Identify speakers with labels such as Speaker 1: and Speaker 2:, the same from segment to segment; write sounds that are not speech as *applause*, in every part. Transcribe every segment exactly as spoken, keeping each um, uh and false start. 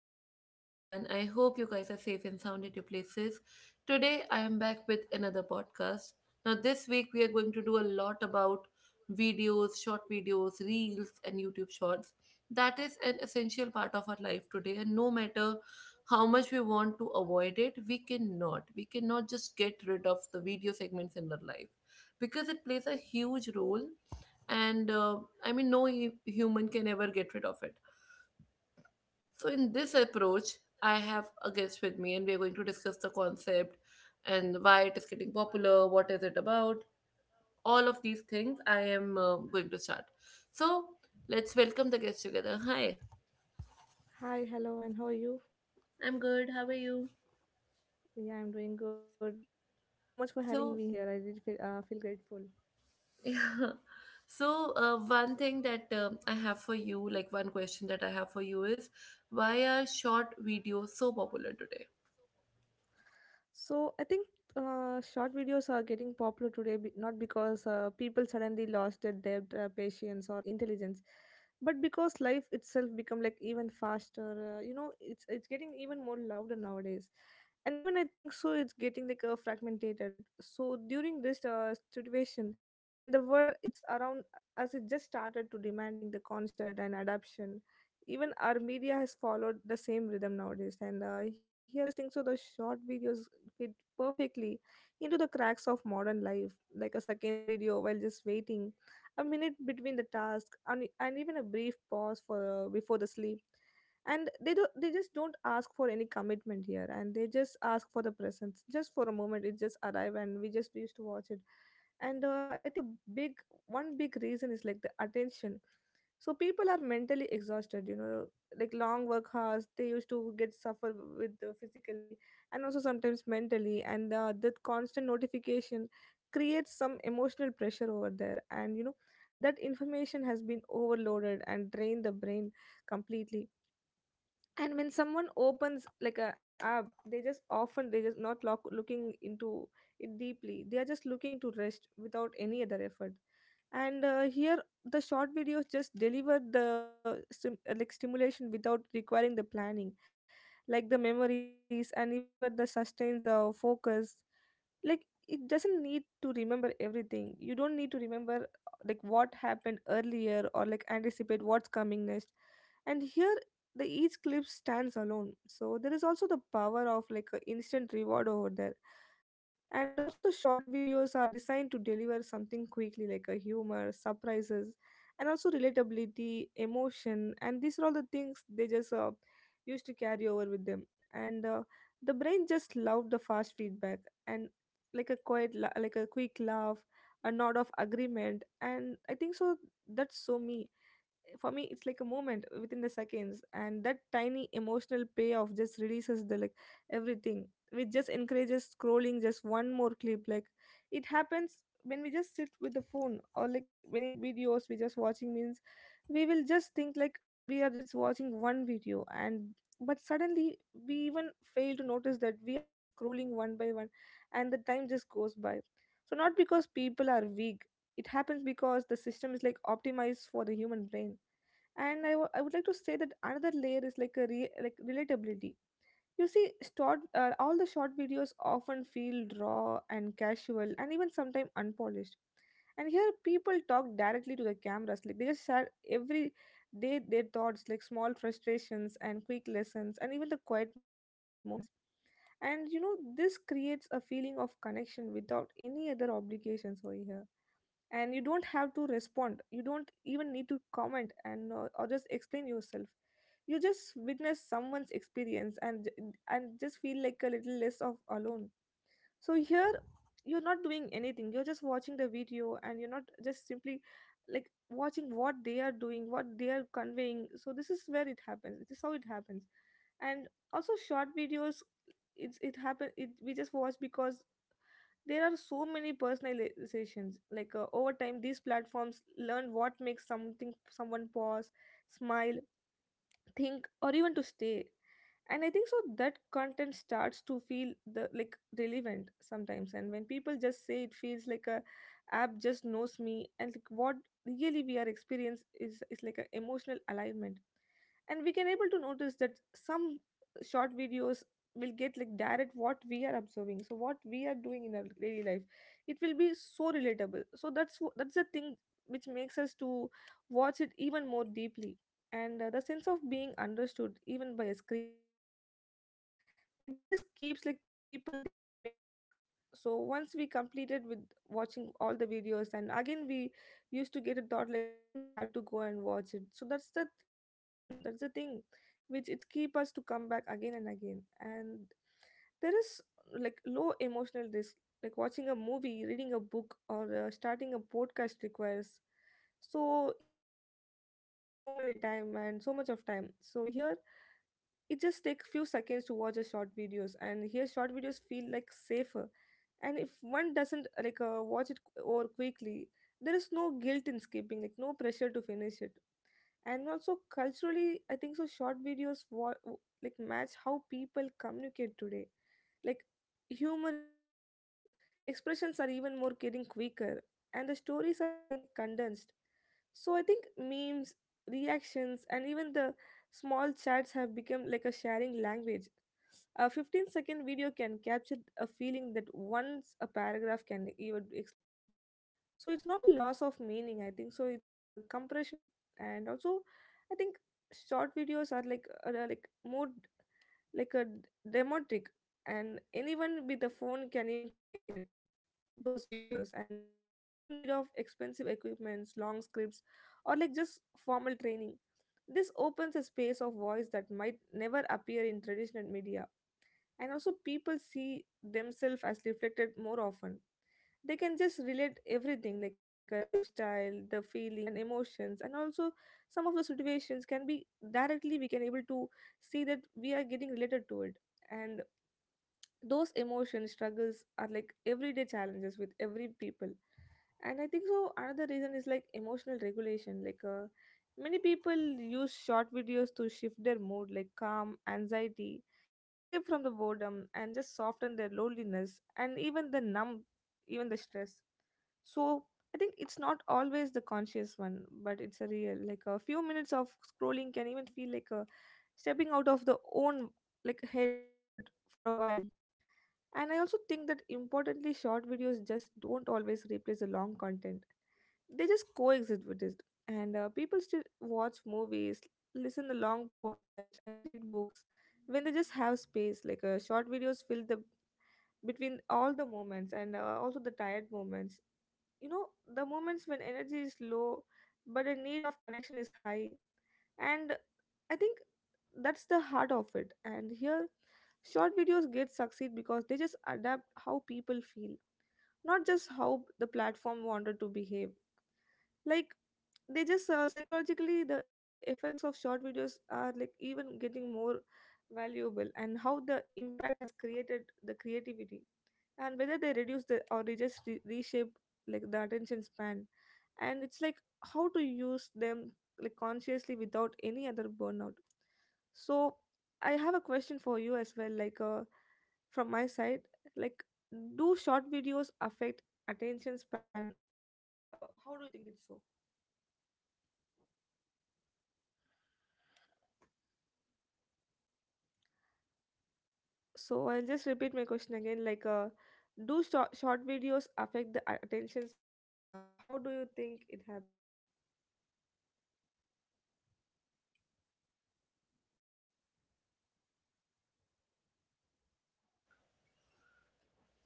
Speaker 1: good morning to everyone. I hope you guys are safe and sound at your places. Today I am back with another podcast. Now, this week we are going to do a lot about videos, short videos, reels, and YouTube shorts. That is an essential part of our life today, and no matter how much we want to avoid it, we cannot. We cannot just get rid of the video segments in our life because it plays a huge role, and uh, i mean no hu- human can ever get rid of it. So, in this approach, I have a guest with me, and we are going to discuss the concept and why it is getting popular, what is it about, all of these things. I am uh, going to start. So, let's welcome the guest together. Hi, I'm good. How are you? So, *laughs* yeah. So, uh, one thing that um, I have for you, like one question that I have for you is, why are short videos so popular today?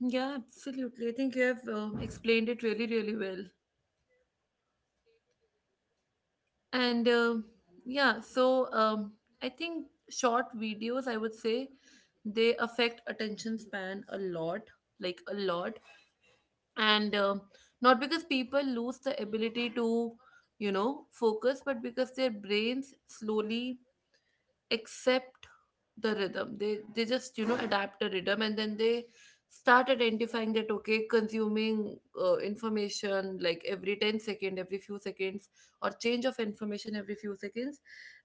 Speaker 1: Yeah, absolutely. I think you have um, explained it really, really well. and uh, yeah so um, i think short videos, I would say, they affect attention span a lot, like a lot. And uh, not because people lose the ability to, you know, focus, but because their brains slowly accept the rhythm. They they just, you know, adapt a rhythm and then they start identifying that, okay, consuming uh, information like every ten second, every few seconds, or change of information every few seconds,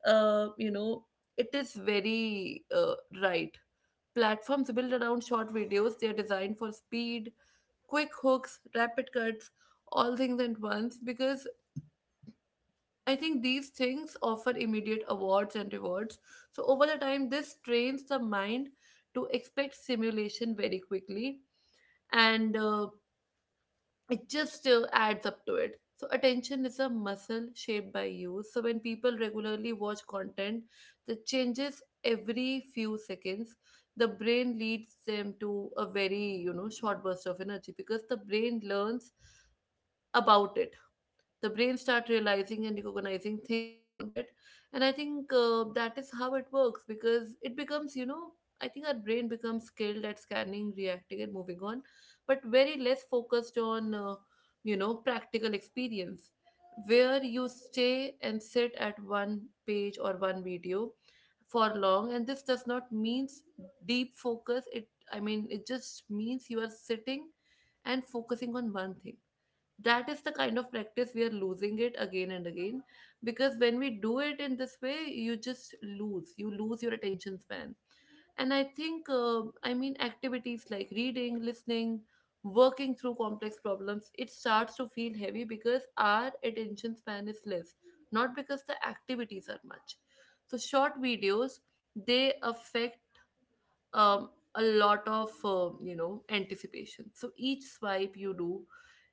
Speaker 1: uh, you know, it is very uh, right. Platforms built around short videos, they are designed for speed, quick hooks, rapid cuts, all things at once, because I think these things offer immediate awards and rewards. So, over the time, this trains the mind to expect simulation very quickly, and uh, it just uh, adds up to it. So, attention is a muscle shaped by use. So, when people regularly watch content that changes every few seconds, the brain leads them to a very, you know, short burst of energy because the brain learns about it. The brain start realizing and recognizing things around it, and I think uh, that is how it works because it becomes, you know, I think our brain becomes skilled at scanning, reacting, and moving on, but very less focused on uh, you know, practical experience, where you stay and sit at one page or one video for long. And this does not means deep focus. It, I mean, it just means you are sitting and focusing on one thing. That is the kind of practice we are losing it again and again, because when we do it in this way, you just lose you lose your attention span. And I think, uh, I mean, activities like reading, listening, working through complex problems, it starts to feel heavy because our attention span is less, not because the activities are much. So short videos, they affect um, a lot of uh, you know, anticipation. So each swipe you do,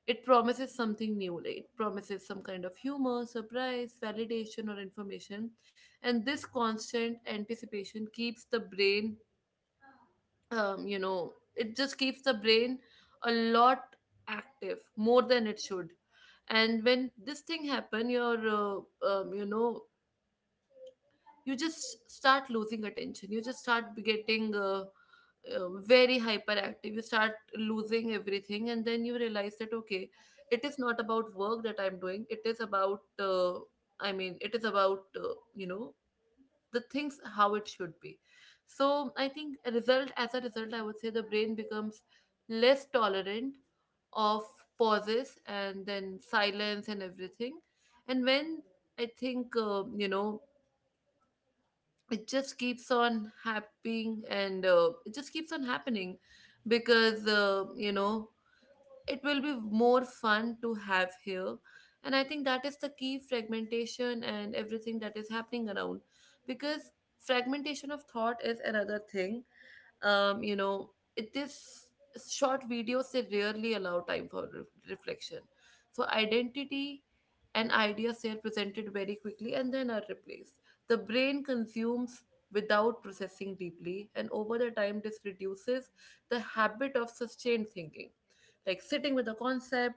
Speaker 1: it promises something new, like it promises some kind of humor, surprise, validation, or information, and this constant anticipation keeps the brain, um, you know, it just keeps the brain a lot active, more than it should. And when this thing happen, your uh, um, you know, you just start losing attention, you just start getting uh, uh, very hyperactive, you start losing everything, and then you realize that, okay, it is not about work that I'm doing, it is about uh, i mean it is about, uh, you know, the things how it should be. So I think a result, as a result, I would say the brain becomes less tolerant of pauses and then silence and everything. And when, I think, uh, you know, it just keeps on happening and uh, it just keeps on happening because, uh, you know, it will be more fun to have here. And I think that is the key, fragmentation and everything that is happening around, because fragmentation of thought is another thing. Um, you know it this short videos, they rarely allow time for re- reflection. So identity and ideas, they are presented very quickly and then are replaced. The brain consumes without processing deeply, and over the time this reduces the habit of sustained thinking, like sitting with a concept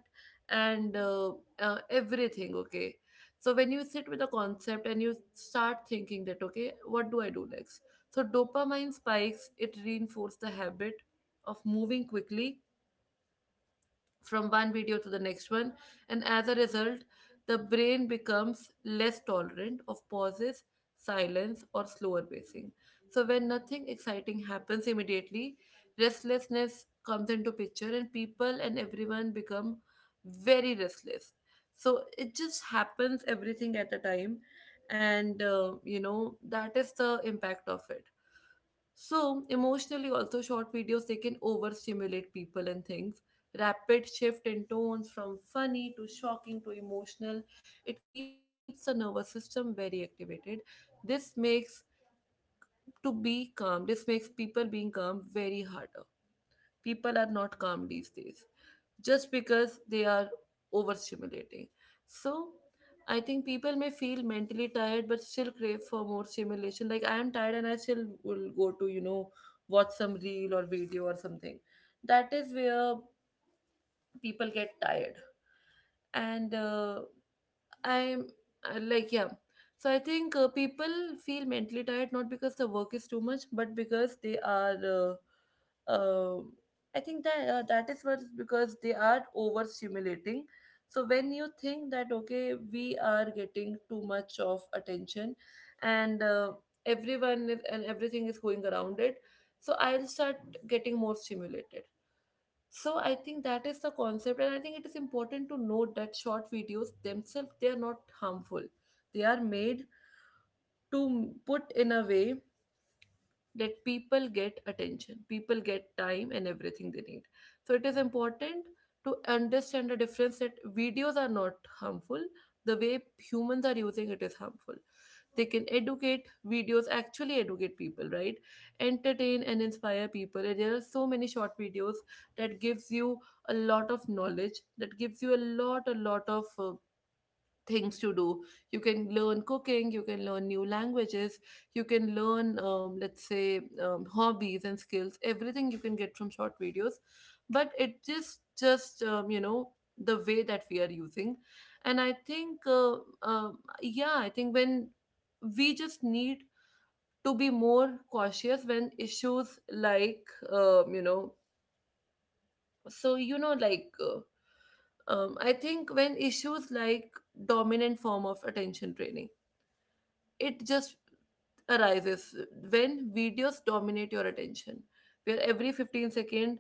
Speaker 1: and uh, uh, everything, okay. So when you sit with a concept and you start thinking that, okay, what do I do next, so dopamine spikes, it reinforces the habit of moving quickly from one video to the next one. And as a result, the brain becomes less tolerant of pauses, silence, or slower pacing. So when nothing exciting happens immediately, restlessness comes into picture and people and everyone become very restless. So it just happens everything at a time. And uh, you know, that is the impact of it. So, emotionally, also short videos they can overstimulate people and things. Rapid shift in tones from funny to shocking to emotional. It keeps the nervous system very activated. This makes to be calm. This makes people being calm very hard. People are not calm these days just because they are overstimulating. So I think people may feel mentally tired but still crave for more stimulation. Like I am tired and I still will go to, you know, watch some reel or video or something. That is where people get tired. And uh, I'm uh, like, yeah. So I think uh, people feel mentally tired not because the work is too much, but because they are. Uh, uh, I think that uh, that is what, because they are overstimulating. So when you think that, okay, we are getting too much of attention, and uh, everyone is, and everything is going around it, so I'll start getting more stimulated. So I think that is the concept, and I think it is important to note that short videos themselves they are not harmful. They are made to m- put in a way that people get attention, people get time and everything they need. So it is important to understand the difference that videos are not harmful. The way humans are using it is harmful. They can educate. Videos actually educate people, right, entertain and inspire people. And there are so many short videos that gives you a lot of knowledge, that gives you a lot a lot of uh, things to do. You can learn cooking, you can learn new languages, you can learn, um, let's say, um, hobbies and skills, everything you can get from short videos. But it just just um, you know, the way that we are using. And I think uh, uh, yeah, I think when we just need to be more cautious when issues like, um, you know so you know like uh, um, I think when issues like dominant form of attention training, it just arises when videos dominate your attention, where every fifteen second,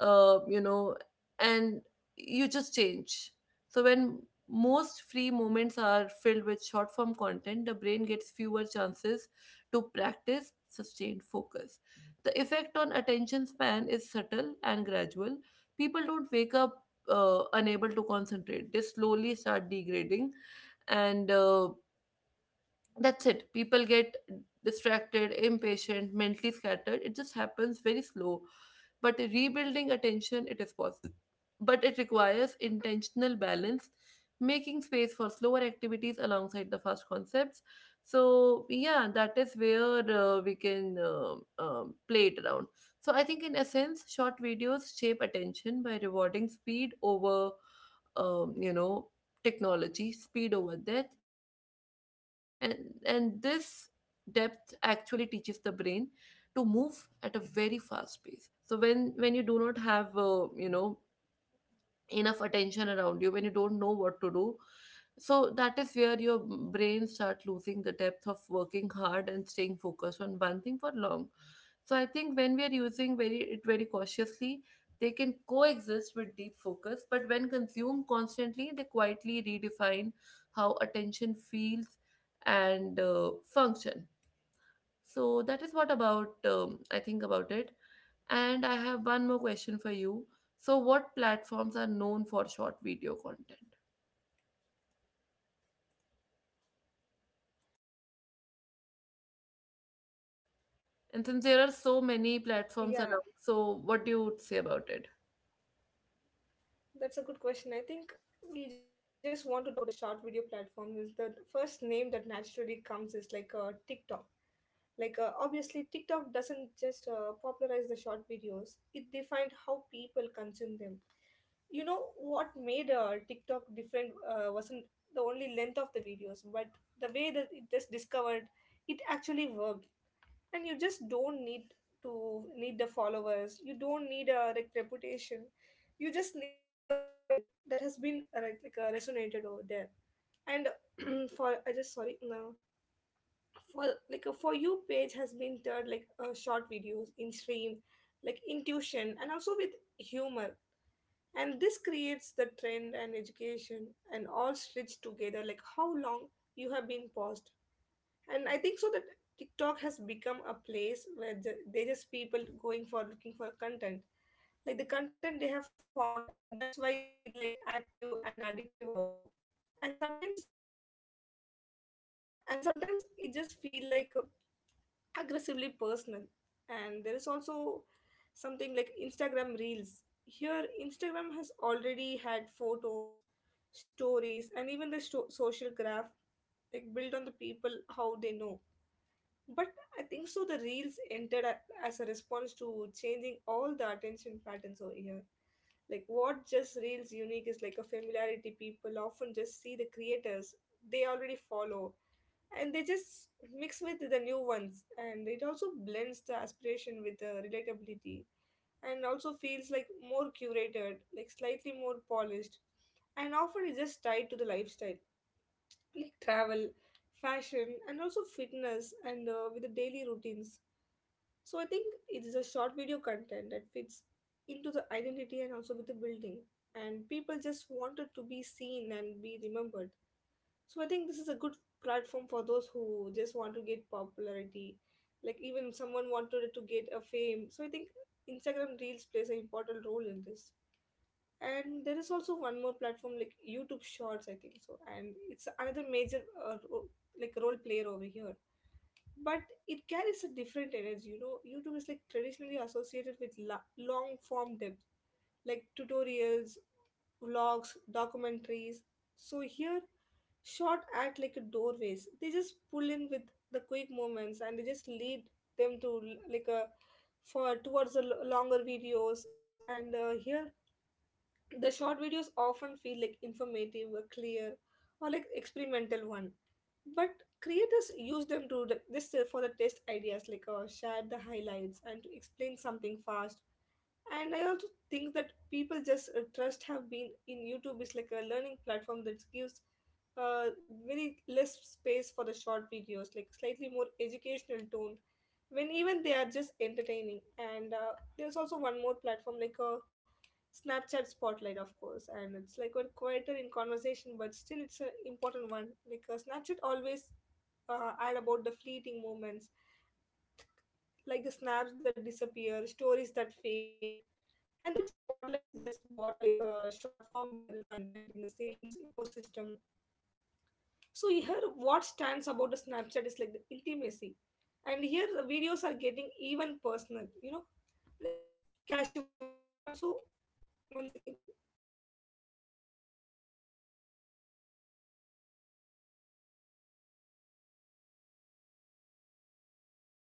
Speaker 1: uh, you know, and you just change. So when most free moments are filled with short form content, the brain gets fewer chances to practice sustained focus. The effect on attention span is subtle and gradual. People don't wake up uh, unable to concentrate, they slowly start degrading, and uh, that's it. People get distracted, impatient, mentally scattered. It just happens very slow. But rebuilding attention, it is possible. But it requires intentional balance, making space for slower activities alongside the fast concepts. So, yeah, that is where uh, we can uh, um, play it around. So, I think in essence, short videos shape attention by rewarding speed over, um, you know, technology, speed over depth. And and this depth actually teaches the brain to move at a very fast pace. So when when you do not have, uh, you know, enough attention around you, when you don't know what to do, so that is where your brain start losing the depth of working hard and staying focused on one thing for long. So I think when we are using very it very cautiously, they can coexist with deep focus, but when consumed constantly they quietly redefine how attention feels and uh, function. So that is what about, um, I think about it. And I have one more question for you. So what platforms are known for short video content? And since there are so many
Speaker 2: Yeah,
Speaker 1: platforms around, so what do you say about it?
Speaker 2: that's a good question. I think we just want to talk about the short video platform. Is the first name that naturally comes is like uh, TikTok. Like uh, obviously, TikTok doesn't just uh, popularize the short videos; it defined how people consume them. You know what made uh, TikTok different uh, wasn't the only length of the videos, but the way that it just discovered it actually worked. And you just don't need to need the followers, you don't need a, like, reputation. You just needed a movement that has been uh, like, like uh, resonated over there and *clears throat* for I just sorry no for like a for you page has been turned like uh, short videos in stream, like intuition and also with humor, and this creates the trend and education and all stitched together like how long you have been paused. And I think so that TikTok has become a place where ju- they just people going for looking for content, like the content they have found, and that's why it's feel like active and addictive also. And sometimes and sometimes it just feel like uh, aggressively personal. And there is also something like Instagram Reels here. Instagram has already had photos, stories, and even the sto- social graph, like built on the people how they know. But I think so the reels entered a- as a response to changing all the attention patterns over here. Like what just reels unique is like a familiarity, people often just see the creators they already follow and they just mix with the new ones, and it also blends the aspiration with the relatability and also feels like more curated, like slightly more polished, and often it's just tied to the lifestyle like travel, fashion, and also fitness, and uh, with the daily routines. So I think it is a short video content that fits into the identity and also with the building. And people just wanted to be seen and be remembered. So I think this is a good platform for those who just want to get popularity. Like even someone wanted to get a fame. So I think Instagram Reels plays an important role in this. And there is also one more platform like YouTube Shorts, I think so. And it's another major uh, ro- like role player over here, but it carries a different energy. You know, YouTube is like traditionally associated with la- long form depth like tutorials, vlogs, documentaries. So here short act like a doorways, they just pull in with the quick moments and they just lead them to l- like a for towards the l- longer videos. And uh, here the short videos often feel like informative or clear or like experimental one. But creators use them to the, this uh, for the test ideas, like uh, share the highlights and to explain something fast. And I also think that people just uh, trust have been in YouTube is like a learning platform that gives uh, very less space for the short videos, like slightly more educational tone when even they are just entertaining. And uh, there's also one more platform like uh, Snapchat Spotlight, of course, and it's like we're quieter in conversation, but still it's an important one. Like uh, Snapchat always uh, add about the fleeting moments, like the snaps that disappear, stories that fade, and that Spotlight's just bought like a short form viral content in the same s- ecosystem. So here, what stands about the Snapchat is like the intimacy, and here the videos are getting even personal. You know, like casual and also once again, and also those contents create like a massive impact over here. And also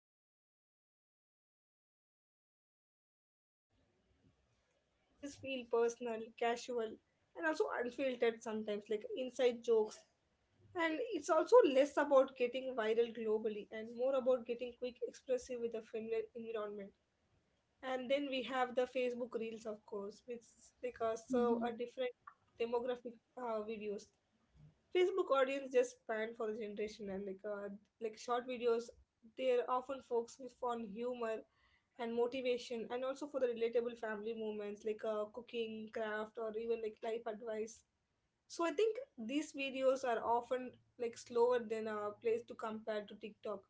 Speaker 2: it's like uh, what stands about the Snapchat is the intimacy videos, and uh, they just feel personal, casual, and also unfiltered, sometimes like inside jokes. And it's also less about getting viral globally and more about getting quick expressive with a familiar environment. And then we have the Facebook Reels, of course, which like uh, serve
Speaker 1: Mhm.
Speaker 2: a different demographic uh, videos. Facebook audience just span for the generation, and like uh, like short videos, they're often focused on humor and motivation, and also for the relatable family moments like uh, cooking, craft, or even like life advice. So I think these videos are often like slower than a place to compare to TikTok,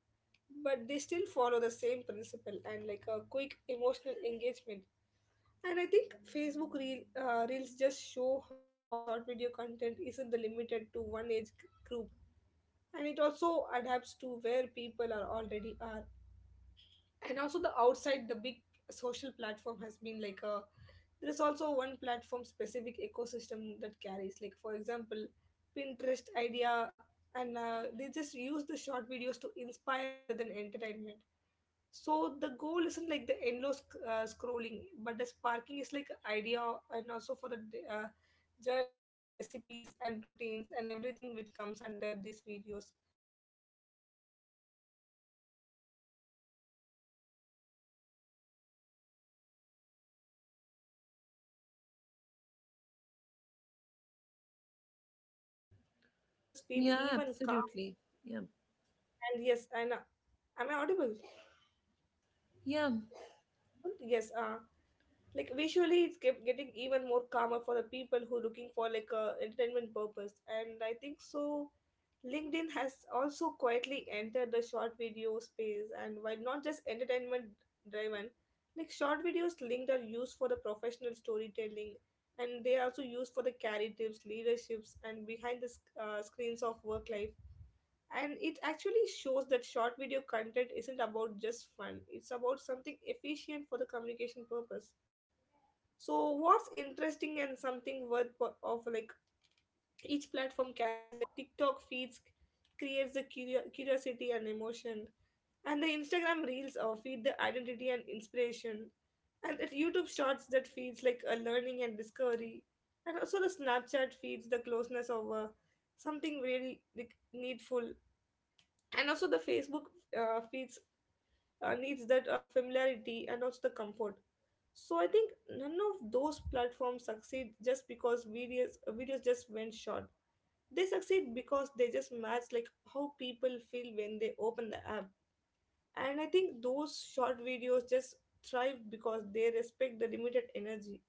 Speaker 2: but they still follow the same principle and like a quick emotional engagement. And I think Facebook reel, uh, reels just show how short video content isn't the limited to one age group, and it also adapts to where people are already are. And also the outside the big social platform has been like a there is also one platform specific ecosystem that carries, like for example, Pinterest idea. And uh, they just use the short videos to inspire rather than entertainment. So the goal isn't like the endless uh, scrolling but the sparking is like idea, and also for the uh, journalizing the recipes and routines and everything which comes under these videos. And I think that these videos just content all those uh, similarities, like uh, short videos feel
Speaker 1: Yeah,
Speaker 2: even calm.
Speaker 1: absolutely. Yeah.
Speaker 2: And yes, and uh, am I audible?
Speaker 1: Yeah.
Speaker 2: Yes, uh, like visually it's get, getting even more calmer for the people who are looking for like a entertainment purpose. And I think so LinkedIn has also quietly entered the short video space, and while not just entertainment driven, like short videos linked are used for the professional storytelling, and they are also used for the career tips, leaderships, and behind the sc- uh, screens of work life. And it actually shows that short video content isn't about just fun, it's about something efficient for the communication purpose. So what's interesting and something worth po- of like each platform carries is like TikTok feeds creates the curio- curiosity and emotion, and the Instagram Reels uh, feed the identity and inspiration, and the YouTube Shorts that feeds like a learning and discovery, and also the Snapchat feeds the closeness of uh, something really like needful, and also the Facebook uh, feeds uh, needs that uh, familiarity and also the comfort. So I think none of those platforms succeed just because videos videos just went short. They succeed because they just match like how people feel when they open the app. And I think those short videos just thrive because they respect the limited energy.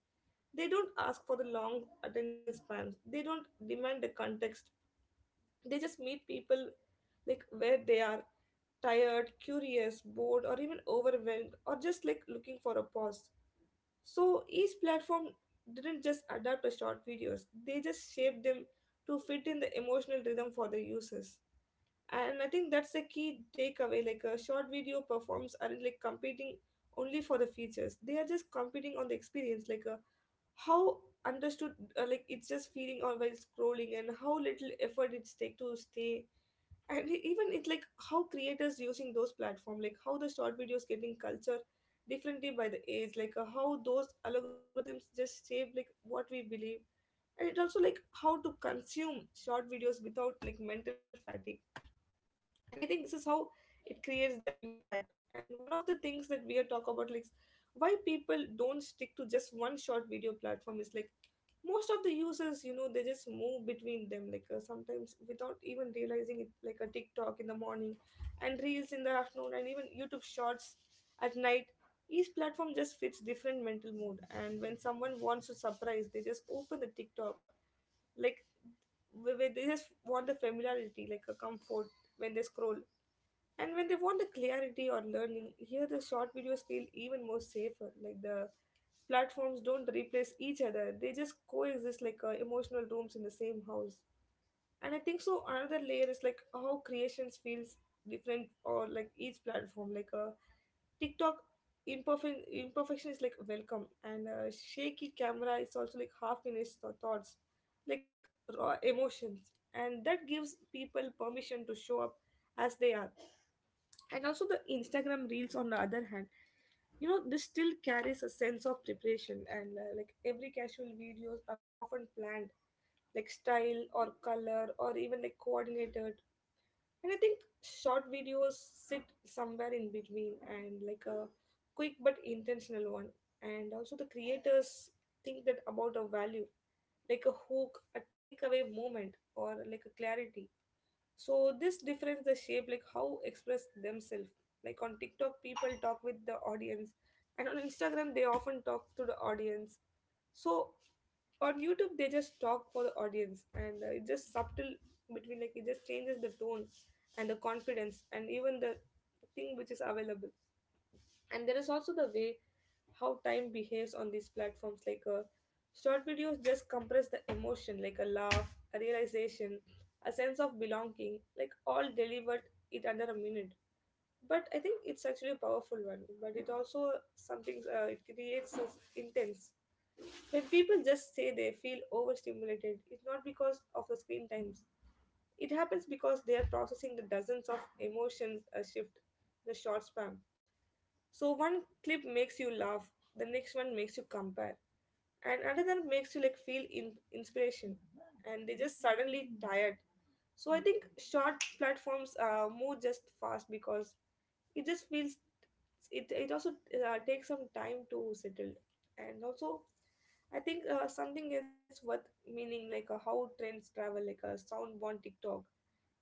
Speaker 2: They don't ask for the long attention spans. They don't demand the context, they just meet people like where they are, tired, curious, bored, or even overwhelmed, or just like looking for a pause. So each platform didn't just adapt to short videos, they just shaped them to fit in the emotional rhythm for the users. And I think that's the key takeaway, like a short video performs aren't like competing only for the features, they are just competing on the experience, like a how understood, uh, like it's just feeling on while scrolling and how little effort it's take to stay. And e, even it like how creators using those platform, like how the short videos getting culture differently by the age, like uh, how those algorithms just shape like what we believe. And it also like how to consume short videos without like mental fatigue. And I think this is how it creates the impact. And one of the things that we are talk about, like why people don't stick to just one short video platform is like most of the users, you know, they just move between them like uh, sometimes without even realizing it, like a TikTok in the morning and reels in the afternoon and even YouTube Shorts at night. Each platform just fits different mental mood, and when someone wants to surprise they just open the TikTok, like where where they just want the familiarity like a comfort when they scroll. And when they want the clarity or learning, here the short videos feel even more safer. Like the platforms don't replace each other, they just coexist like uh, emotional rooms in the same house. And I think so another layer is like how creations feels different or like each platform, like a TikTok, imperfect imperfection is like welcome, and uh shaky camera is also like half finished th- thoughts, like raw emotions, and that gives people permission to show up as they are. And also the Instagram Reels on the other hand, you know, this still carries a sense of preparation, and uh, like every casual videos are often planned, like style or color or even like coordinated. And I think short videos sit somewhere in between and like a quick but intentional one. And also the creators think that about a value, like a hook, a takeaway moment, or like a clarity. So this difference the shape like how express themselves. Like on TikTok, people talk with the audience, and on Instagram they often talk to the audience. So on YouTube they just talk for the audience, and uh, it's just subtle between like it just changes the tone and the confidence and even the thing which is available. And there is also the way how time behaves on these platforms like uh, short videos just compress the emotion like a laugh, a realization, a sense of belonging, like all delivered it under a minute. But I think it's actually a powerful one, but it also something, uh, it creates us intense when people just say they feel overstimulated. It's not because of the screen times, it happens because they are processing the dozens of emotions, a shift, the short spam. So one clip makes you laugh, the next one makes you compare, and another makes you like feel in- inspiration, and they just suddenly tired. So I think short platforms uh, move just fast because it just feels, it it also uh, takes some time to settle, and also I think uh, something else worth meaning like uh, how trends travel like a soundborn TikTok,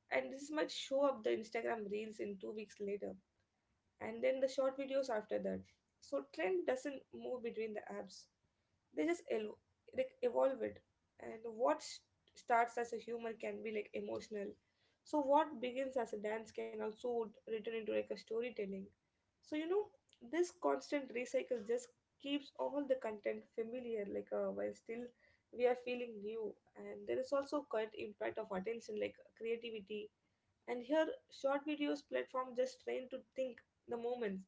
Speaker 2: and this might show up the Instagram reels in two weeks later, and then the short videos after that. So trend doesn't move between the apps; they just el- like evolve it. And what s- starts as a humor can be like emotional. So what begins as a dance can also t- return into like a storytelling. So you know this constant recycle just keeps all the content familiar, like uh, while still we are feeling new. And there is also quite impact of attention, like creativity, and here short videos platform just trained to think the moments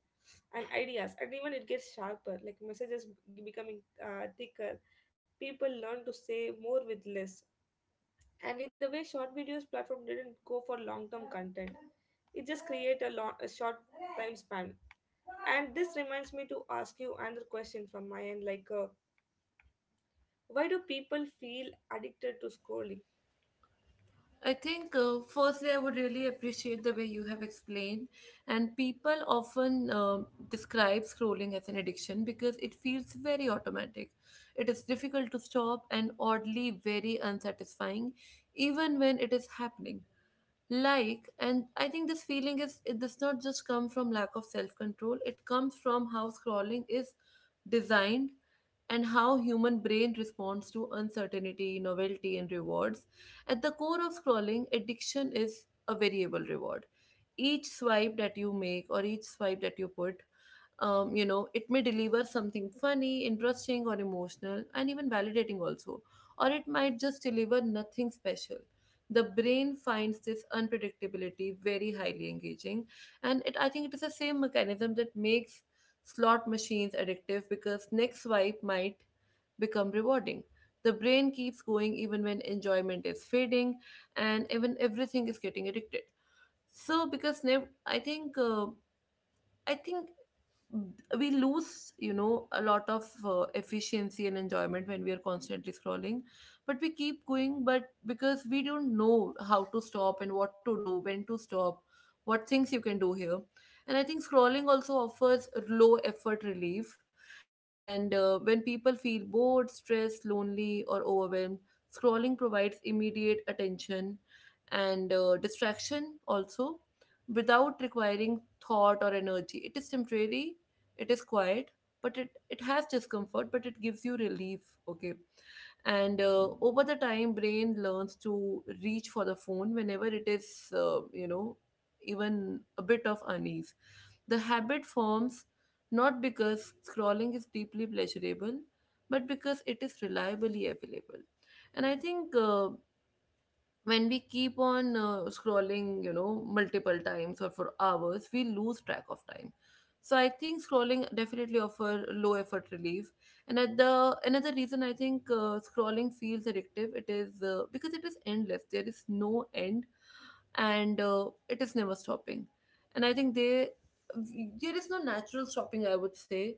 Speaker 2: and ideas, and even it gets sharper like messages becoming uh, thicker. People learn to say more with less, and in the way short videos platform didn't go for long term content, it just create a, long, a short time span. And this reminds me to ask you another question from my end like uh, why do people feel addicted to scrolling?
Speaker 1: I think, uh, firstly, I would really appreciate the way you have explained. And people often um describe scrolling as an addiction because it feels very automatic. It is difficult to stop and oddly very unsatisfying, even when it is happening. Like and I think this feeling, is it does not just come from lack of self control. It comes from how scrolling is designed and how human brain responds to uncertainty, novelty and rewards. At the core of scrolling addiction is a variable reward. Each swipe that you make or each swipe that you put, um, you know it may deliver something funny, interesting or emotional, and even validating also, or it might just deliver nothing special. The brain finds this unpredictability very highly engaging. And it i think it is the same mechanism that makes slot machines addictive, because next swipe might become rewarding. The brain keeps going even when enjoyment is fading, and even everything is getting addicted. So because nev- i think uh, i think we lose, you know a lot of uh, efficiency and enjoyment when we are constantly scrolling, but we keep going, but because we don't know how to stop and what to do, when to stop, what things you can do here. And I think scrolling also offers low effort relief. And uh, when people feel bored, stressed, lonely or overwhelmed, scrolling provides immediate attention and uh, distraction also, without requiring thought or energy. It is temporary, it is quiet, but it, it has discomfort, but it gives you relief. Okay. And uh, over the time, brain learns to reach for the phone whenever it is, uh, you know, even a bit of unease. The habit forms not because scrolling is deeply pleasurable, but because it is reliably available. And I think uh, when we keep on uh, scrolling, you know multiple times or for hours, we lose track of time. So I think scrolling definitely offer low effort relief. And at the another reason I think uh, scrolling feels addictive, it is uh, because it is endless, there is no end, and uh, it is never stopping. And I think they there is no natural stopping, I would say.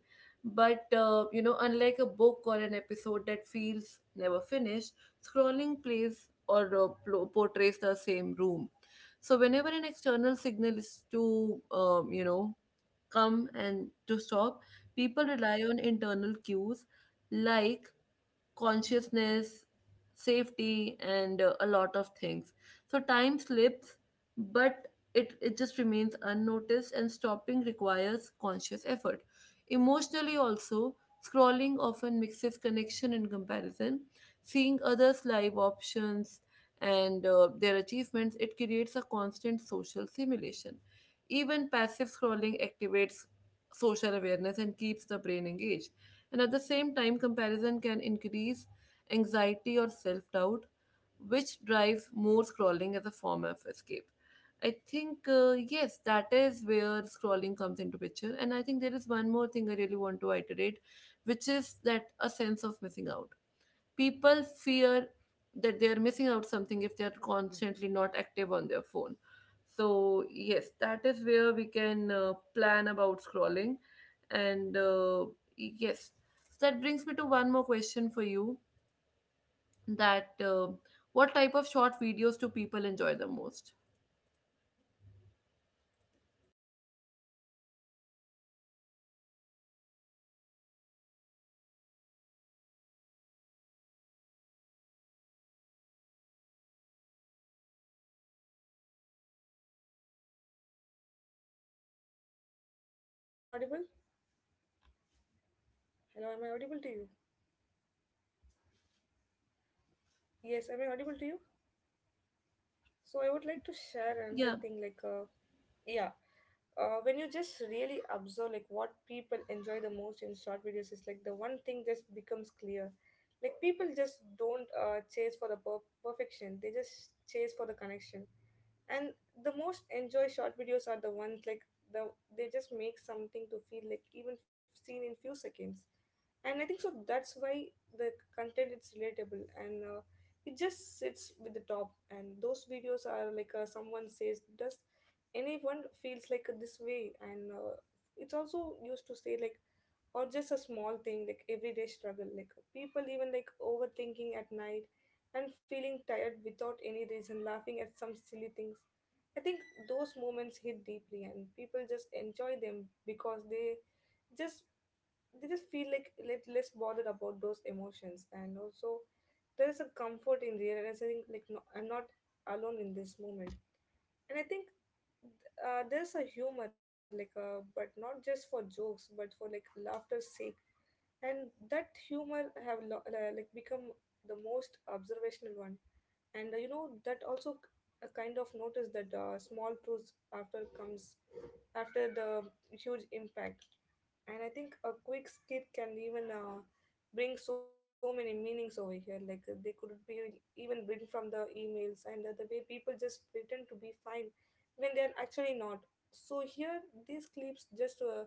Speaker 1: But uh, you know unlike a book or an episode that feels never finished, scrolling plays or uh, plo- portrays the same room. So whenever an external signal is to, um, you know, come and to stop, people rely on internal cues like consciousness, safety, and uh, a lot of things. So time slips, but it, it just remains unnoticed, and stopping requires conscious effort. Emotionally, also, scrolling often mixes connection and comparison. Seeing others' live options and uh, their achievements, it creates a constant social simulation. Even passive scrolling activates social awareness and keeps the brain engaged. And at the same time, comparison can increase anxiety or self doubt, which drives more scrolling as a form of escape. I think, uh, yes, that is where scrolling comes into picture. And I think there is one more thing I really want to iterate, which is that a sense of missing out. People fear that they are missing out something if they are constantly not active on their phone. So yes, that is where we can uh, plan about scrolling. And uh, yes, so that brings me to one more question for you, that uh, what type of short videos do people enjoy the most.
Speaker 2: Am I audible? Hello, am I audible to you? Yes, am I audible to you? So I would like to share another
Speaker 1: Yeah,
Speaker 2: thing like uh yeah. Uh, when you just really observe like what people enjoy the most in short videos is like the one thing just becomes clear. Like people just don't uh, chase for the per- perfection, they just chase for the connection. And the most enjoy short videos are the ones like the they just make something to feel like even seen in few seconds. And I think so that's why the content is relatable, and uh, it just sits with the top. And those videos are like uh, someone says, does anyone feels like this way? And uh, it's also used to say like, or just a small thing like everyday struggle, like people even like overthinking at night and feeling tired without any reason, laughing at some silly things. I think those moments hit deeply, and people just enjoy them because they just they just feel like let less bothered about those emotions, and also there is a comfort in realizing like, no, I'm not alone in this moment. And I think uh, there's a humor like uh, but not just for jokes, but for like laughter's sake, and that humor have lo- uh, like become the most observational one. And uh, you know that also a kind of notice that uh, small truths after comes after the huge impact. And I think a quick skit can even uh, bring so many meanings over here, like uh, they could be even bring from the emails, and uh, the way people just pretend to be fine when they are actually not. So here these clips just uh,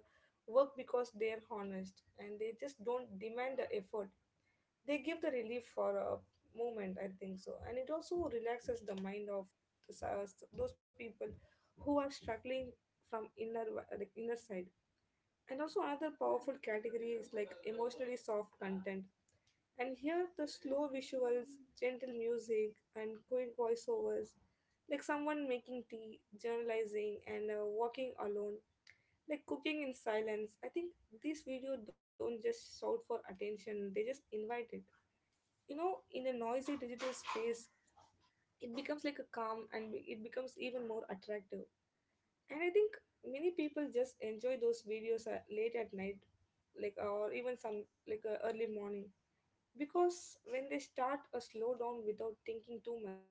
Speaker 2: work because they are honest and they just don't demand the effort, they give the relief for a moment, I think so. And it also relaxes the mind of the s- those people who are struggling from inner w- like inner side. And also another powerful category is like emotionally soft content, and here the slow visuals, gentle music and quick voiceovers, like someone making tea, journalizing and uh, walking alone, like cooking in silence. I think these videos don't just shout for attention, they just invite it. You know, in a noisy digital space, it becomes like a calm and it becomes even more attractive. And I think many people just enjoy those videos uh, late at night, like uh, or even some like uh, early morning, because when they start a slow down without thinking too much,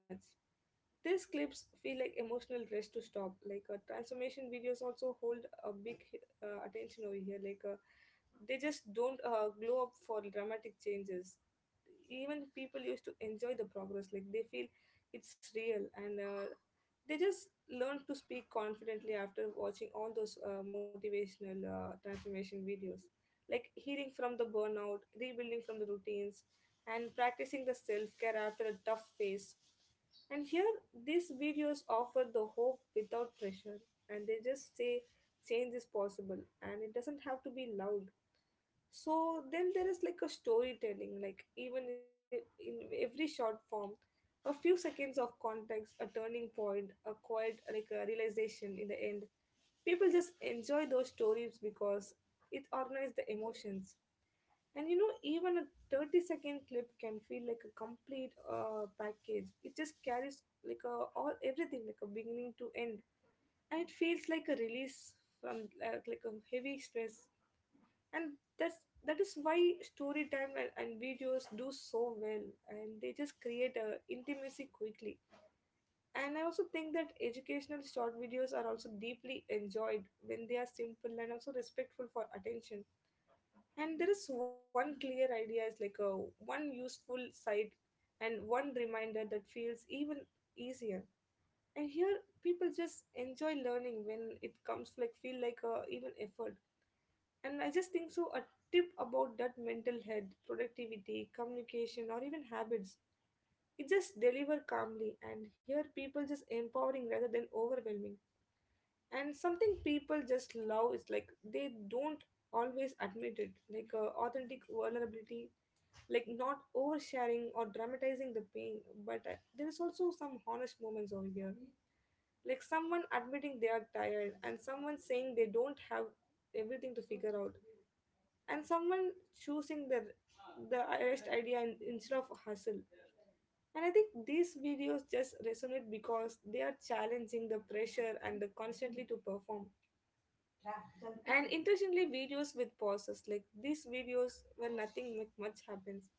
Speaker 2: these clips feel like emotional rush to stop. Like uh, transformation videos also hold a big uh, attention over here, like uh, they just don't uh, glow up for dramatic changes. Even people used to enjoy the progress, like they feel it's real, and uh, they just learn to speak confidently after watching all those uh, motivational uh, transformation videos, like healing from the burnout, rebuilding from the routines, and practicing the self-care after a tough phase. And here these videos offer the hope without pressure, and they just say change is possible and it doesn't have to be loud. So then there is like a storytelling, like even i- in every short form, a few seconds of context, a turning point, a quiet like a realization in the end. People just enjoy those stories because it organizes the emotions. And you know, even a thirty second clip can feel like a complete uh, package. It just carries like a all everything like a beginning to end, and it feels like a release from uh, like a heavy stress. And that's that is why story time and, and videos do so well, and they just create a intimacy quickly. And I also think that educational short videos are also deeply enjoyed when they are simple and also respectful for attention. And there is one clear idea is like a one useful side and one reminder that feels even easier. And here people just enjoy learning when it comes to like feel like a even effort. And I just think so a tip about that mental health, productivity, communication, or even habits. It just deliver calmly, and here people just empowering rather than overwhelming. And something people just love is like they don't always admit it, like uh, authentic vulnerability, like not oversharing or dramatizing the pain. But uh, there is also some honest moments over here, like someone admitting they are tired, and someone saying they don't have everything to figure out, and someone choosing the the arrest idea in, instead of hustle. And I think these videos just resonate because they are challenging the pressure and the constantly to perform. And interestingly, videos with pauses like these videos where nothing mu- much happens,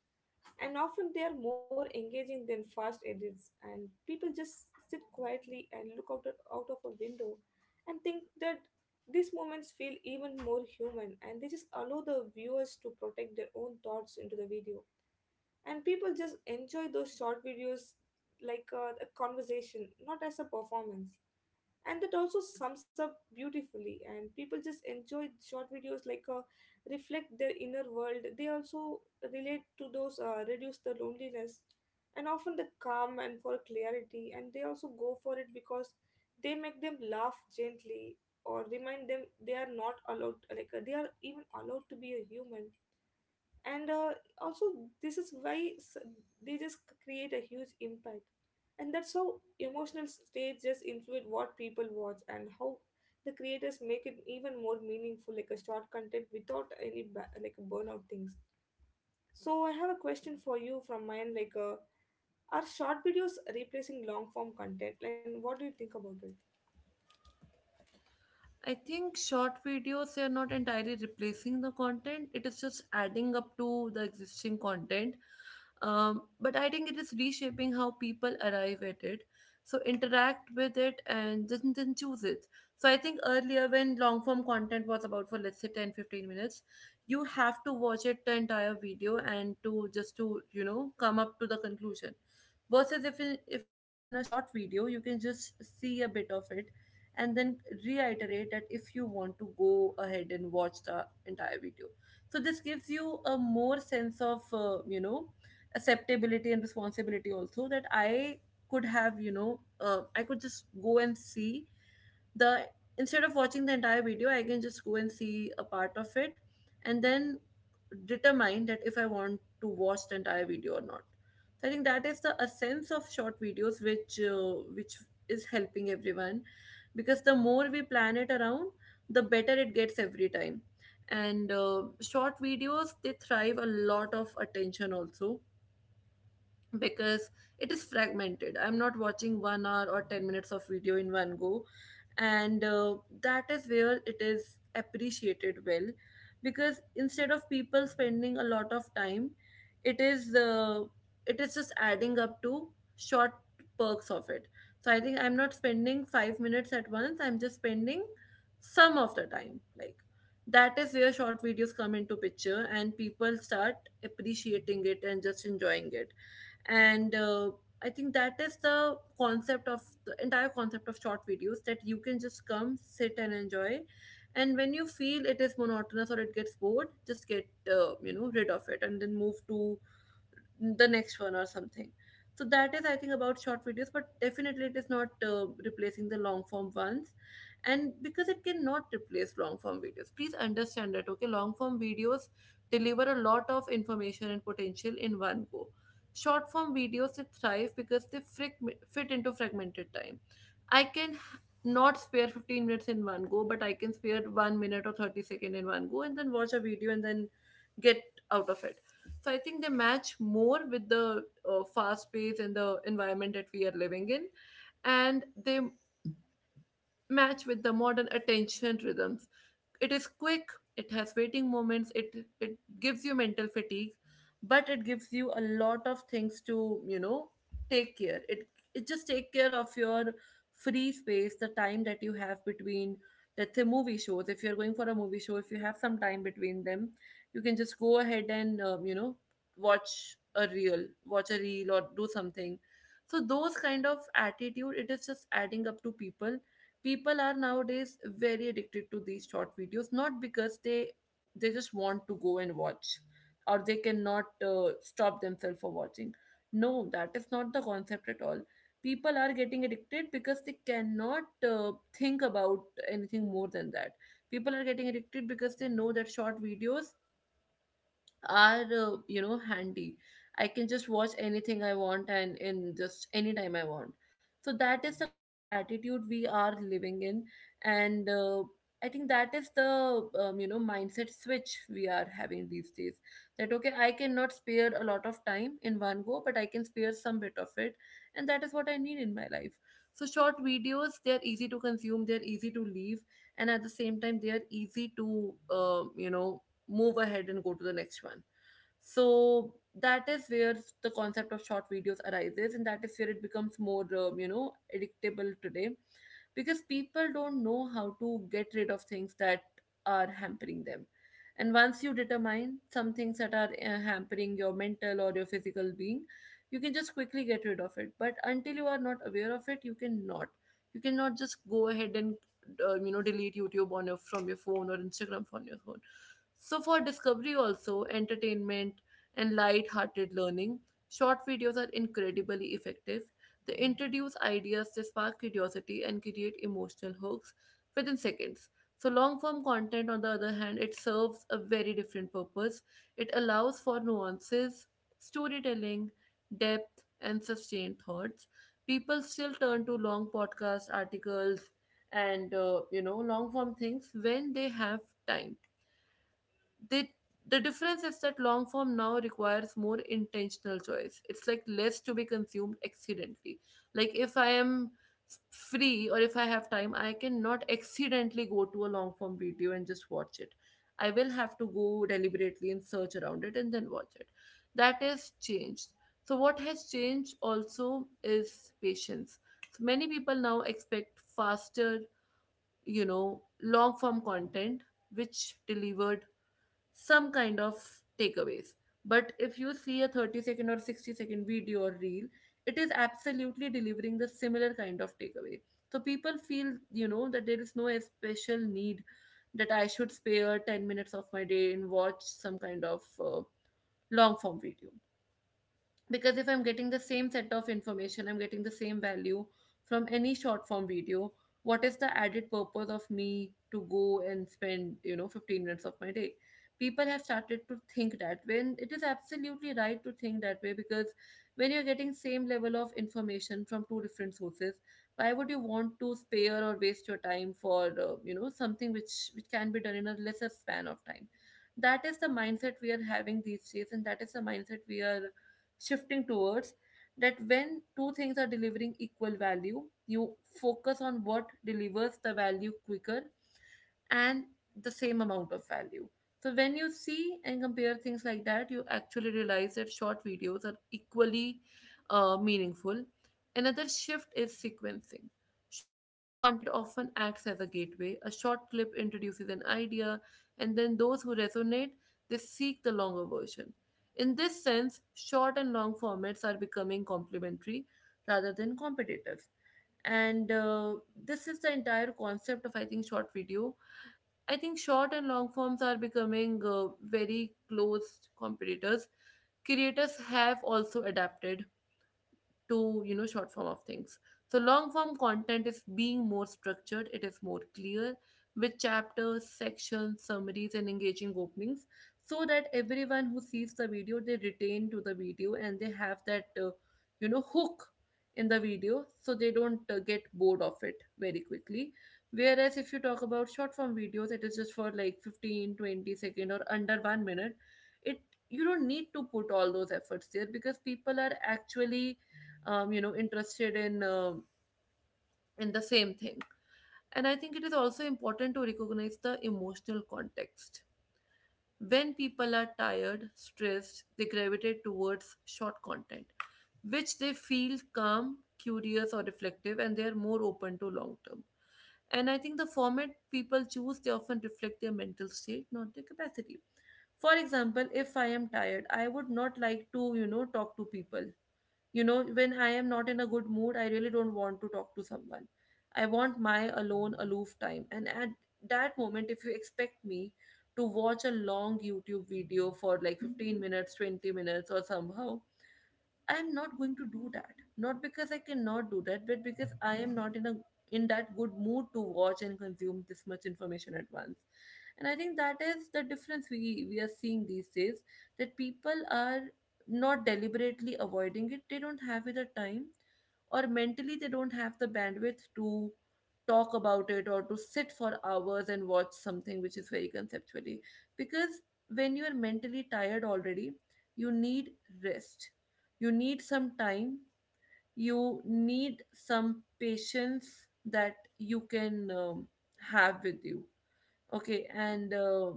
Speaker 2: and often they are more engaging than fast edits, and people just sit quietly and look out, out of a window and think that these moments feel even more human, and they just allow the viewers to protect their own thoughts into the video. And people just enjoy those short videos like uh, a conversation, not as a performance. And that also sums up beautifully, and people just enjoy short videos like uh, reflect their inner world, they also relate to those uh, reduce the loneliness, and often the calm and for clarity, and they also go for it because they make them laugh gently or remind them they are not allowed, like uh, they are even allowed to be a human. And uh, also, this is why s- they just c- create a huge impact. And that's how emotional states just influence what people watch and how the creators make it even more meaningful, like a short content without any ba- like burnout things. So I have a question for you from mine, like uh, are short videos replacing long form content, and what do you think about it?
Speaker 1: I think short videos, they are not entirely replacing the content. It is just adding up to the existing content. Um, but I think it is reshaping how people arrive at it, so interact with it and then, then choose it. So I think earlier when long form content was about for, let's say, ten fifteen minutes, you have to watch it, the entire video, and to just to, you know, come up to the conclusion, versus if it, if it is in a short video, you can just see a bit of it and then reiterate that if you want to go ahead and watch the entire video. So this gives you a more sense of uh, you know acceptability and responsibility also, that I could have, you know uh, I could just go and see the instead of watching the entire video, I can just go and see a part of it, and then determine that if I want to watch the entire video or not. So I think that is the a sense of short videos, which uh, which is helping everyone, because the more we plan it around, the better it gets every time. And uh, short videos, they thrive a lot of attention also, because it is fragmented. I'm not watching one hour or ten minutes of video in one go. And uh, that is where it is appreciated well, because instead of people spending a lot of time, it is uh, it is just adding up to short perks of it. So I think I'm not spending five minutes at once, I'm just spending some of the time, like that is where short videos come into picture and people start appreciating it and just enjoying it. And uh, I think that is the concept of the entire concept of short videos, that you can just come, sit and enjoy. And when you feel it is monotonous or it gets bored, just get uh, you know rid of it and then move to the next one or something. So that is I think about short videos, but definitely it is not uh, replacing the long form ones. And because it cannot replace long form videos, please understand that, okay, long form videos deliver a lot of information and potential in one go. Short form videos, they thrive because they frag- fit into fragmented time. I can h- not spare fifteen minutes in one go, but I can spare one minute or thirty second in one go, and then watch a video and then get out of it. So I think they match more with the uh, fast pace and the environment that we are living in, and they match with the modern attention rhythms. It is quick, it has waiting moments, it it gives you mental fatigue, but it gives you a lot of things to, you know, take care. It it just take care of your free space, the time that you have between, let's say, movie shows. If you're going for a movie show, if you have some time between them, you can just go ahead and um, you know watch a reel, watch a reel or do something. So those kind of attitude, it is just adding up to people people. Are nowadays very addicted to these short videos, not because they they just want to go and watch, or they cannot uh, stop themselves for watching. No, that is not the concept at all. People are getting addicted because they cannot uh, think about anything more than that. People are getting addicted because they know that short videos are uh, you know handy. I can just watch anything I want, and in just any time I want. So that is the kind of attitude we are living in. And uh, I think that is the um, you know mindset switch we are having these days, that okay, I cannot spare a lot of time in one go, but I can spare some bit of it, and that is what I need in my life. So short videos, they are easy to consume, they are easy to leave, and at the same time they are easy to uh, you know move ahead and go to the next one. So that is where the concept of short videos arises, and that is where it becomes more, um, you know, addictable today, because people don't know how to get rid of things that are hampering them. And once you determine some things that are uh, hampering your mental or your physical being, you can just quickly get rid of it. But until you are not aware of it, you cannot. You cannot just go ahead and uh, you know delete YouTube on your from your phone, or Instagram from your phone. So, for discovery, also entertainment and light hearted learning, short videos are incredibly effective. They introduce ideas, they spark curiosity, and create emotional hooks within seconds. So, long form content, on the other hand, it serves a very different purpose. It allows for nuances, storytelling, depth, and sustained thoughts. People still turn to long podcast articles and uh, you know long form things when they have time. They the difference is that long form now requires more intentional choice. It's like less to be consumed accidentally. Like if I am free or if I have time, I cannot accidentally go to a long form video and just watch it. I will have to go deliberately and search around it and then watch it. That has changed. So what has changed also is patience. So many people now expect faster, you know, long form content which delivered some kind of takeaways. But if you see a thirty second or sixty second video or reel, it is absolutely delivering the similar kind of takeaway. So people feel, you know, that there is no special need that I should spare ten minutes of my day and watch some kind of uh, long form video. Because if I'm getting the same set of information, I'm getting the same value from any short form video, what is the added purpose of me to go and spend, you know, fifteen minutes of my day? People have started to think that, when it is absolutely right to think that way, because when you're getting same level of information from two different sources, why would you want to spare or waste your time for uh, you know, something which which can be done in a lesser span of time? That is the mindset we are having these days, and that is the mindset we are shifting towards. That when two things are delivering equal value, you focus on what delivers the value quicker and the same amount of value. So when you see and compare things like that, you actually realize that short videos are equally uh, meaningful. Another shift is sequencing. Short content, it often acts as a gateway. A short clip introduces an idea, and then those who resonate, they seek the longer version. In this sense, short and long formats are becoming complementary rather than competitive. And uh, This is the entire concept of, I think, short video. I think short and long forms are becoming uh, very close competitors. Creators have also adapted to, you know, short form of things. So long form content is being more structured, it is more clear, with chapters, sections, summaries, and engaging openings, so that everyone who sees the video, they retain to the video and they have that uh, you know, hook in the video, so they don't uh, get bored of it very quickly. Whereas if you talk about short form videos, it is just for like fifteen, twenty second or under one minute. It, you don't need to put all those efforts there because people are actually um, you know, interested in um in the same thing. And I think it is also important to recognize the emotional context. When people are tired, stressed, they gravitate towards short content. Which they feel calm, curious, or reflective, and they are more open to long term. And I think the format people choose, they often reflect their mental state, not their capacity. For example, if I am tired, I would not like to, you know, talk to people. You know, when I am not in a good mood, I really don't want to talk to someone. I want my alone, aloof time. And at that moment, if you expect me to watch a long YouTube video for like fifteen minutes, twenty minutes, or somehow, I'm not going to do that. Not because I cannot do that, but because I am not in a in that good mood to watch and consume this much information at once. And I think that is the difference we, we are seeing these days. That people are not deliberately avoiding it. They don't have it the time, or mentally they don't have the bandwidth to talk about it, or to sit for hours and watch something which is very conceptually. Because when you are mentally tired already, you need rest, you need some time, you need some patience that you can um, have with you. Okay, and uh,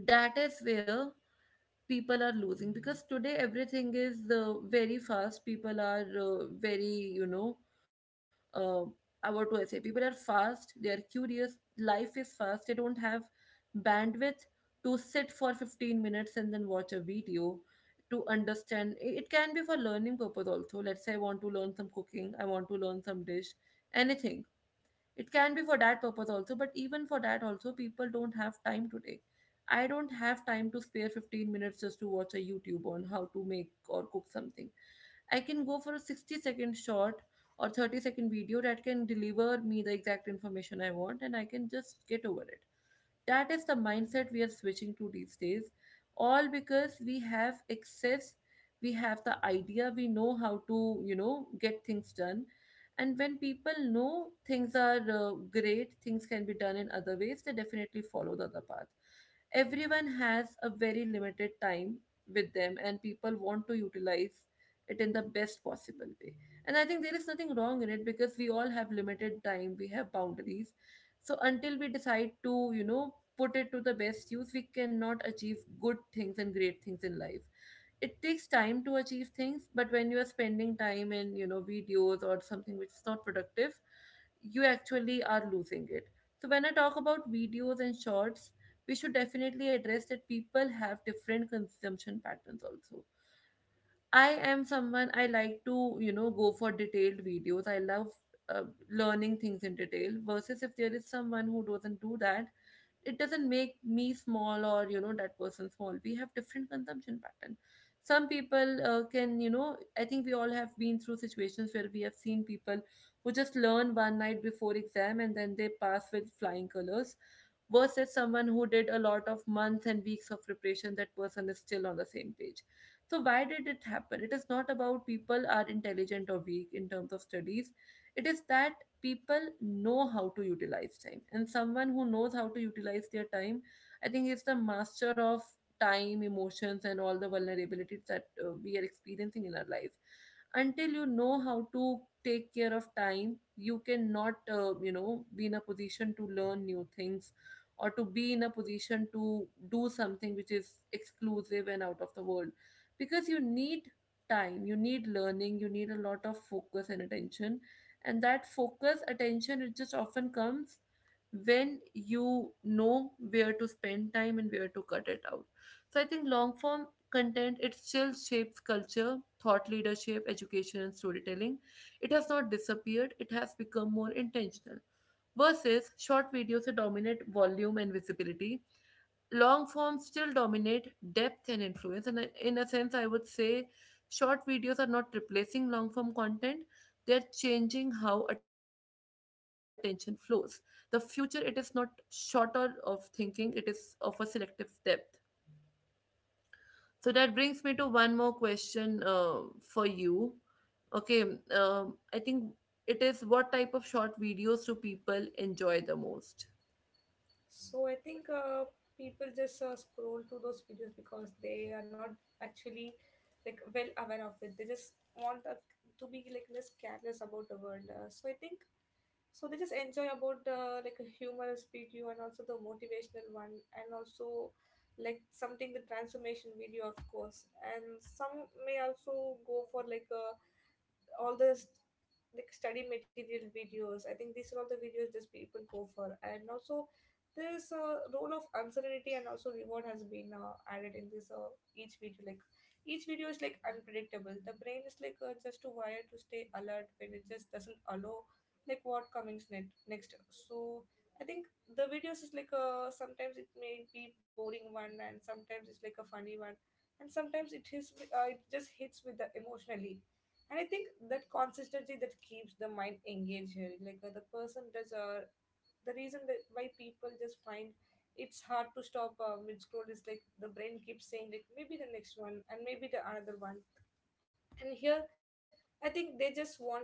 Speaker 1: that is where people are losing, because today everything is uh, very fast. People are uh, very, you know, uh, uh, what do I say, people are fast, they are curious, life is fast, they don't have bandwidth to sit for fifteen minutes and then watch a video to understand. I- it can be for learning purpose also. Let's say I want to learn some cooking, I want to learn some dish, anything. It can be for that purpose also, but even for that also people don't have time today. I don't have time to spare fifteen minutes just to watch a youtube on how to make or cook something. I can go for a sixty second short or thirty second video that can deliver me the exact information I want, and I can just get over it. That is the mindset we are switching to these days. All because we have access, we have the idea, we know how to, you know, get things done. And when people know things are uh, great things can be done in other ways, they definitely follow the other path. Everyone has a very limited time with them, and people want to utilize it in the best possible way. And I think there is nothing wrong in it, because we all have limited time, we have boundaries. So until we decide to, you know, put it to the best use, we cannot achieve good things and great things in life. It takes time to achieve things, but when you are spending time in, you know, videos or something which is not productive, you actually are losing it. So when I talk about videos and shorts, we should definitely address that people have different consumption patterns also. I am someone I like to, you know, go for detailed videos. I love uh, learning things in detail, versus if there is someone who doesn't do that, it doesn't make me small or, you know, that person small. We have different consumption pattern. Some people uh, can, you know, I think we all have been through situations where we have seen people who just learn one night before exam and then they pass with flying colors, versus someone who did a lot of months and weeks of preparation, that person is still on the same page. So why did it happen? It is not about people are intelligent or weak in terms of studies. It is that people know how to utilize time. And someone who knows how to utilize their time, I think is the master of time, emotions, and all the vulnerabilities that uh, we are experiencing in our life. Until you know how to take care of time, you cannot, uh, you know, be in a position to learn new things, or to be in a position to do something which is exclusive and out of the world. Because you need time, you need learning, you need a lot of focus and attention. And that focus attention, it just often comes when you know where to spend time and where to cut it out. So I think long form content, it still shapes culture, thought leadership, education, and storytelling. It has not disappeared, it has become more intentional. Versus short videos that dominate volume and visibility, long forms still dominate depth and influence. And I- in a sense I would say short videos are not replacing long form content, they're changing how attention flows. The future, it is not shorter of thinking, it is of a selective depth. So that brings me to one more question uh, for you. Okay. um, I think it is, what type of short videos do people enjoy the most?
Speaker 2: So I think uh, people just uh, scroll through those videos because they are not actually like well aware of it. They just want uh, to be like less careless about the world. Uh, so I think so they just enjoy about uh, like a humorous video, and also the motivational one, and also like something the transformation video, of course, and some may also go for like a all this like study material videos. I think these are all the videos just people go for. And also this uh, role of uncertainty and also reward has been uh, added in this uh, each video. Like each video is like unpredictable. The brain is like uh, just too wired to stay alert when it just doesn't allow like what comes next. Next, So I think the videos is like a sometimes it may be boring one, and sometimes it's like a funny one, and sometimes it hits, uh, it just hits with the emotionally. And I think that consistency that keeps the mind engaged here. Like uh, the person does. Uh, the reason that why people just find it's hard to stop uh, mid scroll is like the brain keeps saying like maybe the next one and maybe the another one. And here, I think they just wanted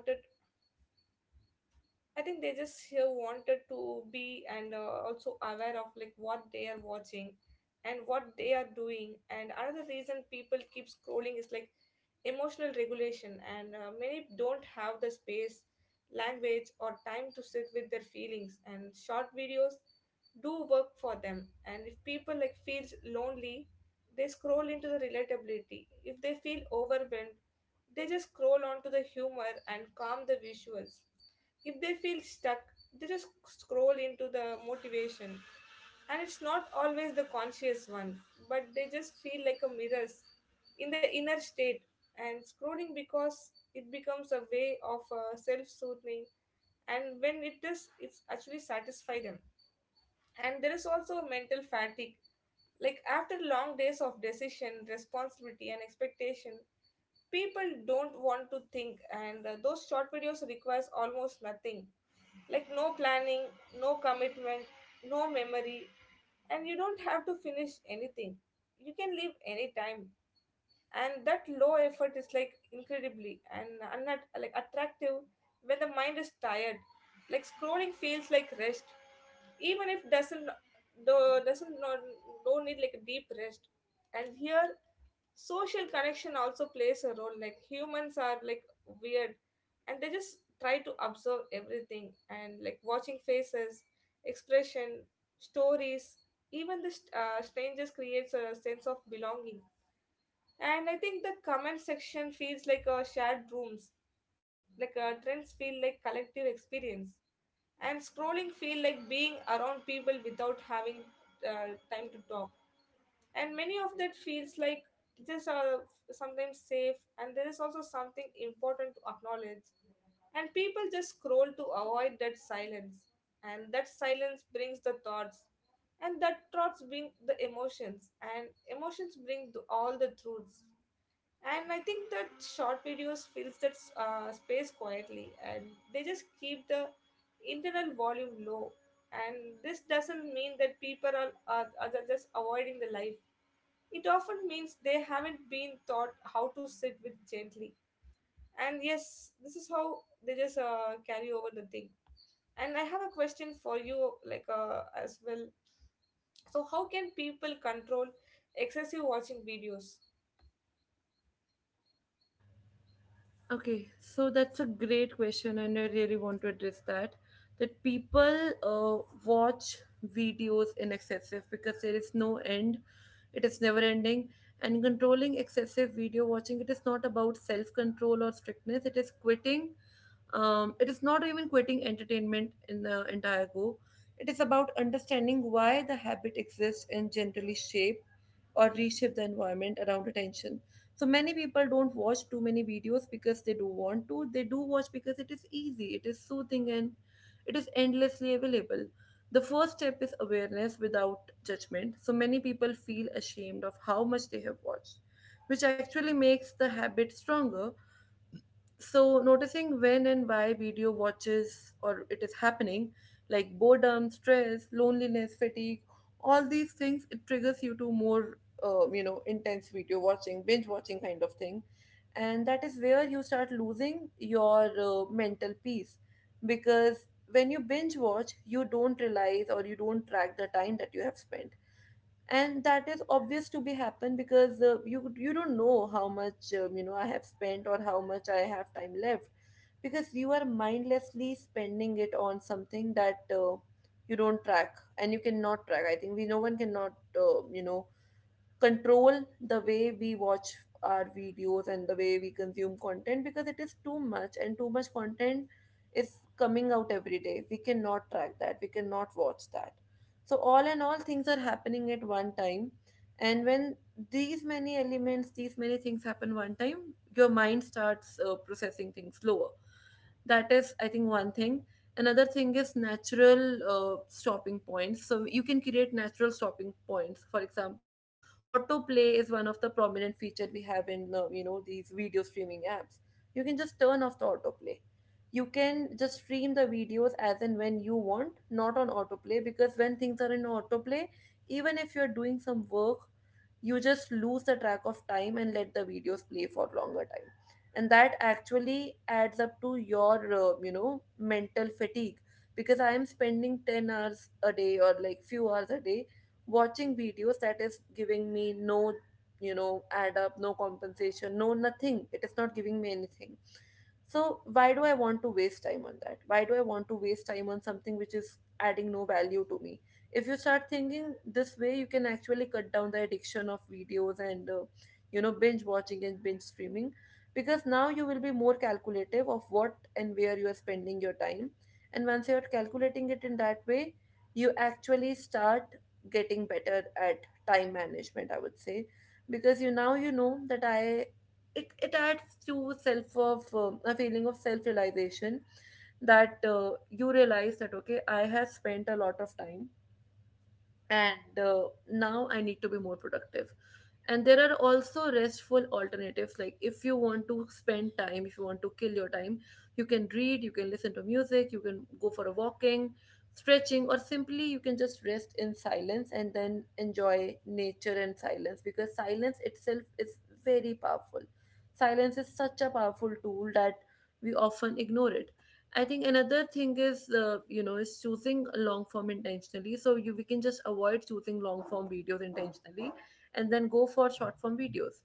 Speaker 2: I think they just here wanted to be, and uh, also aware of like what they are watching and what they are doing. And another reason people keep scrolling is like emotional regulation, and uh, many don't have the space, language, or time to sit with their feelings. And short videos do work for them. And if people like feels lonely, they scroll into the relatability. If they feel overwhelmed, they just scroll onto the humor and calm the visuals. If they feel stuck, they just scroll into the motivation. And it's not always the conscious one, but they just feel like a mirrors in the inner state, and scrolling because it becomes a way of uh, self-soothing. And when it does, it's actually satisfy them. And there is also mental fatigue. Like after long days of decision, responsibility, and expectation, people don't want to think, and uh, those short videos requires almost nothing, like no planning, no commitment, no memory, and you don't have to finish anything. You can leave anytime, and that low effort is like incredibly and unnat like attractive when the mind is tired. Like scrolling feels like rest even if doesn't do, doesn't not, do does not not no need like a deep rest. And here social connection also plays a role, like humans are like weird, and they just try to observe everything and like watching faces, expression, stories, even the st- uh, strangers creates a sense of belonging. And I think the comment section feels like a shared rooms, like uh, trends feel like collective experience, and scrolling feel like being around people without having uh, time to talk. And many of that feels like just uh, sometimes safe. And there is also something important to acknowledge, and people just scroll to avoid that silence, and that silence brings the thoughts, and that thoughts bring the emotions, and emotions bring the, all the truths. And I think that short videos fills that uh, space quietly, and they just keep the internal volume low. And this doesn't mean that people are, are, are just avoiding the life, it often means they haven't been taught how to sit with gently. And yes, this is how they just uh, carry over the thing. And I have a question for you like uh, as well. So, how can people control excessive watching videos?
Speaker 1: Okay, so that's a great question, and I really want to address that. That people uh, watch videos in excessive because there is no end, it is never ending. And controlling excessive video watching, it is not about self control or strictness, it is quitting. Um, it is not even quitting entertainment in the entire go. It is about understanding why the habit exists and generally shape or reshape the environment around attention. So many people don't watch too many videos because they do want to. They do watch because it is easy, it is soothing, and it is endlessly available. The first step is awareness without judgment. So many people feel ashamed of how much they have watched, which actually makes the habit stronger. So noticing when and why video watches or it is happening, like boredom, stress, loneliness, fatigue, all these things it triggers you to more uh, you know, intense video watching, binge watching kind of thing. And that is where you start losing your uh, mental peace. Because when you binge watch, you don't realize or you don't track the time that you have spent. And that is obvious to be happen, because uh, you you don't know how much um, you know, I have spent or how much I have time left. Because you are mindlessly spending it on something that uh, you don't track, and you cannot track. I think we, no one cannot uh, you know, control the way we watch our videos and the way we consume content, because it is too much, and too much content is coming out every day. We cannot track that. We cannot watch that. So all in all, things are happening at one time, and when these many elements, these many things happen one time, your mind starts uh, processing things slower. That is, I think, one thing. Another thing is natural uh, stopping points. So you can create natural stopping points. For example, autoplay is one of the prominent feature we have in uh, you know these video streaming apps. You can just turn off the autoplay. You can just stream the videos as and when you want, not on autoplay, because when things are in autoplay, even if you're doing some work, you just lose the track of time and let the videos play for longer time. And that actually adds up to your uh, you know mental fatigue. Because I am spending ten hours a day or like few hours a day watching videos that is giving me no, you know, add up, no compensation, no nothing. It is not giving me anything. So why do I want to waste time on that? Why do I want to waste time on something which is adding no value to me? If you start thinking this way, you can actually cut down the addiction of videos and uh, you know binge watching and binge streaming. Because now you will be more calculative of what and where you are spending your time. And once you're calculating it in that way, you actually start getting better at time management, I would say. Because you, now you know that i it, it adds to self of um, a feeling of self realization. That uh, you realize that okay, I have spent a lot of time, and uh, now I need to be more productive. And there are also restful alternatives, like if you want to spend time, if you want to kill your time, you can read, you can listen to music, you can go for a walking, stretching, or simply you can just rest in silence and then enjoy nature and silence. Because silence itself is very powerful. Silence is such a powerful tool that we often ignore it. I think another thing is, uh, you know, is choosing long form intentionally. So you we can just avoid choosing long form videos intentionally, and then go for short form videos.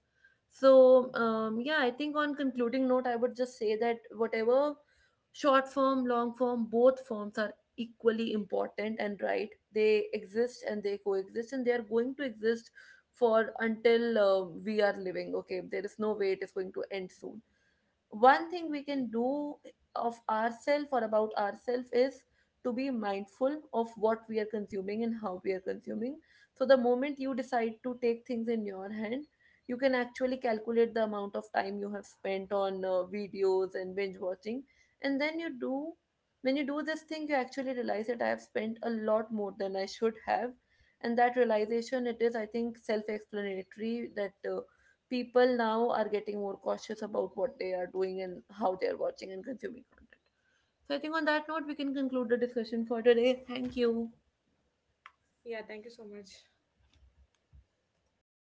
Speaker 1: So um, yeah, I think on concluding note, I would just say that whatever, short form, long form, both forms are equally important and right. They exist and they coexist, and they are going to exist for until uh, we are living. Okay, there is no way it is going to end soon. One thing we can do of ourselves or about ourselves is to be mindful of what we are consuming and how we are consuming. So the moment you decide to take things in your hand, you can actually calculate the amount of time you have spent on uh, videos and binge watching. And then you do, when you do this thing, you actually realize that I have spent a lot more than I should have. And that realization, it is, I think, self explanatory that uh, people now are getting more cautious about what they are doing and how they are watching and consuming content. So I think on that note, we can conclude the discussion for today. Thank you.
Speaker 2: Yeah, thank you so much.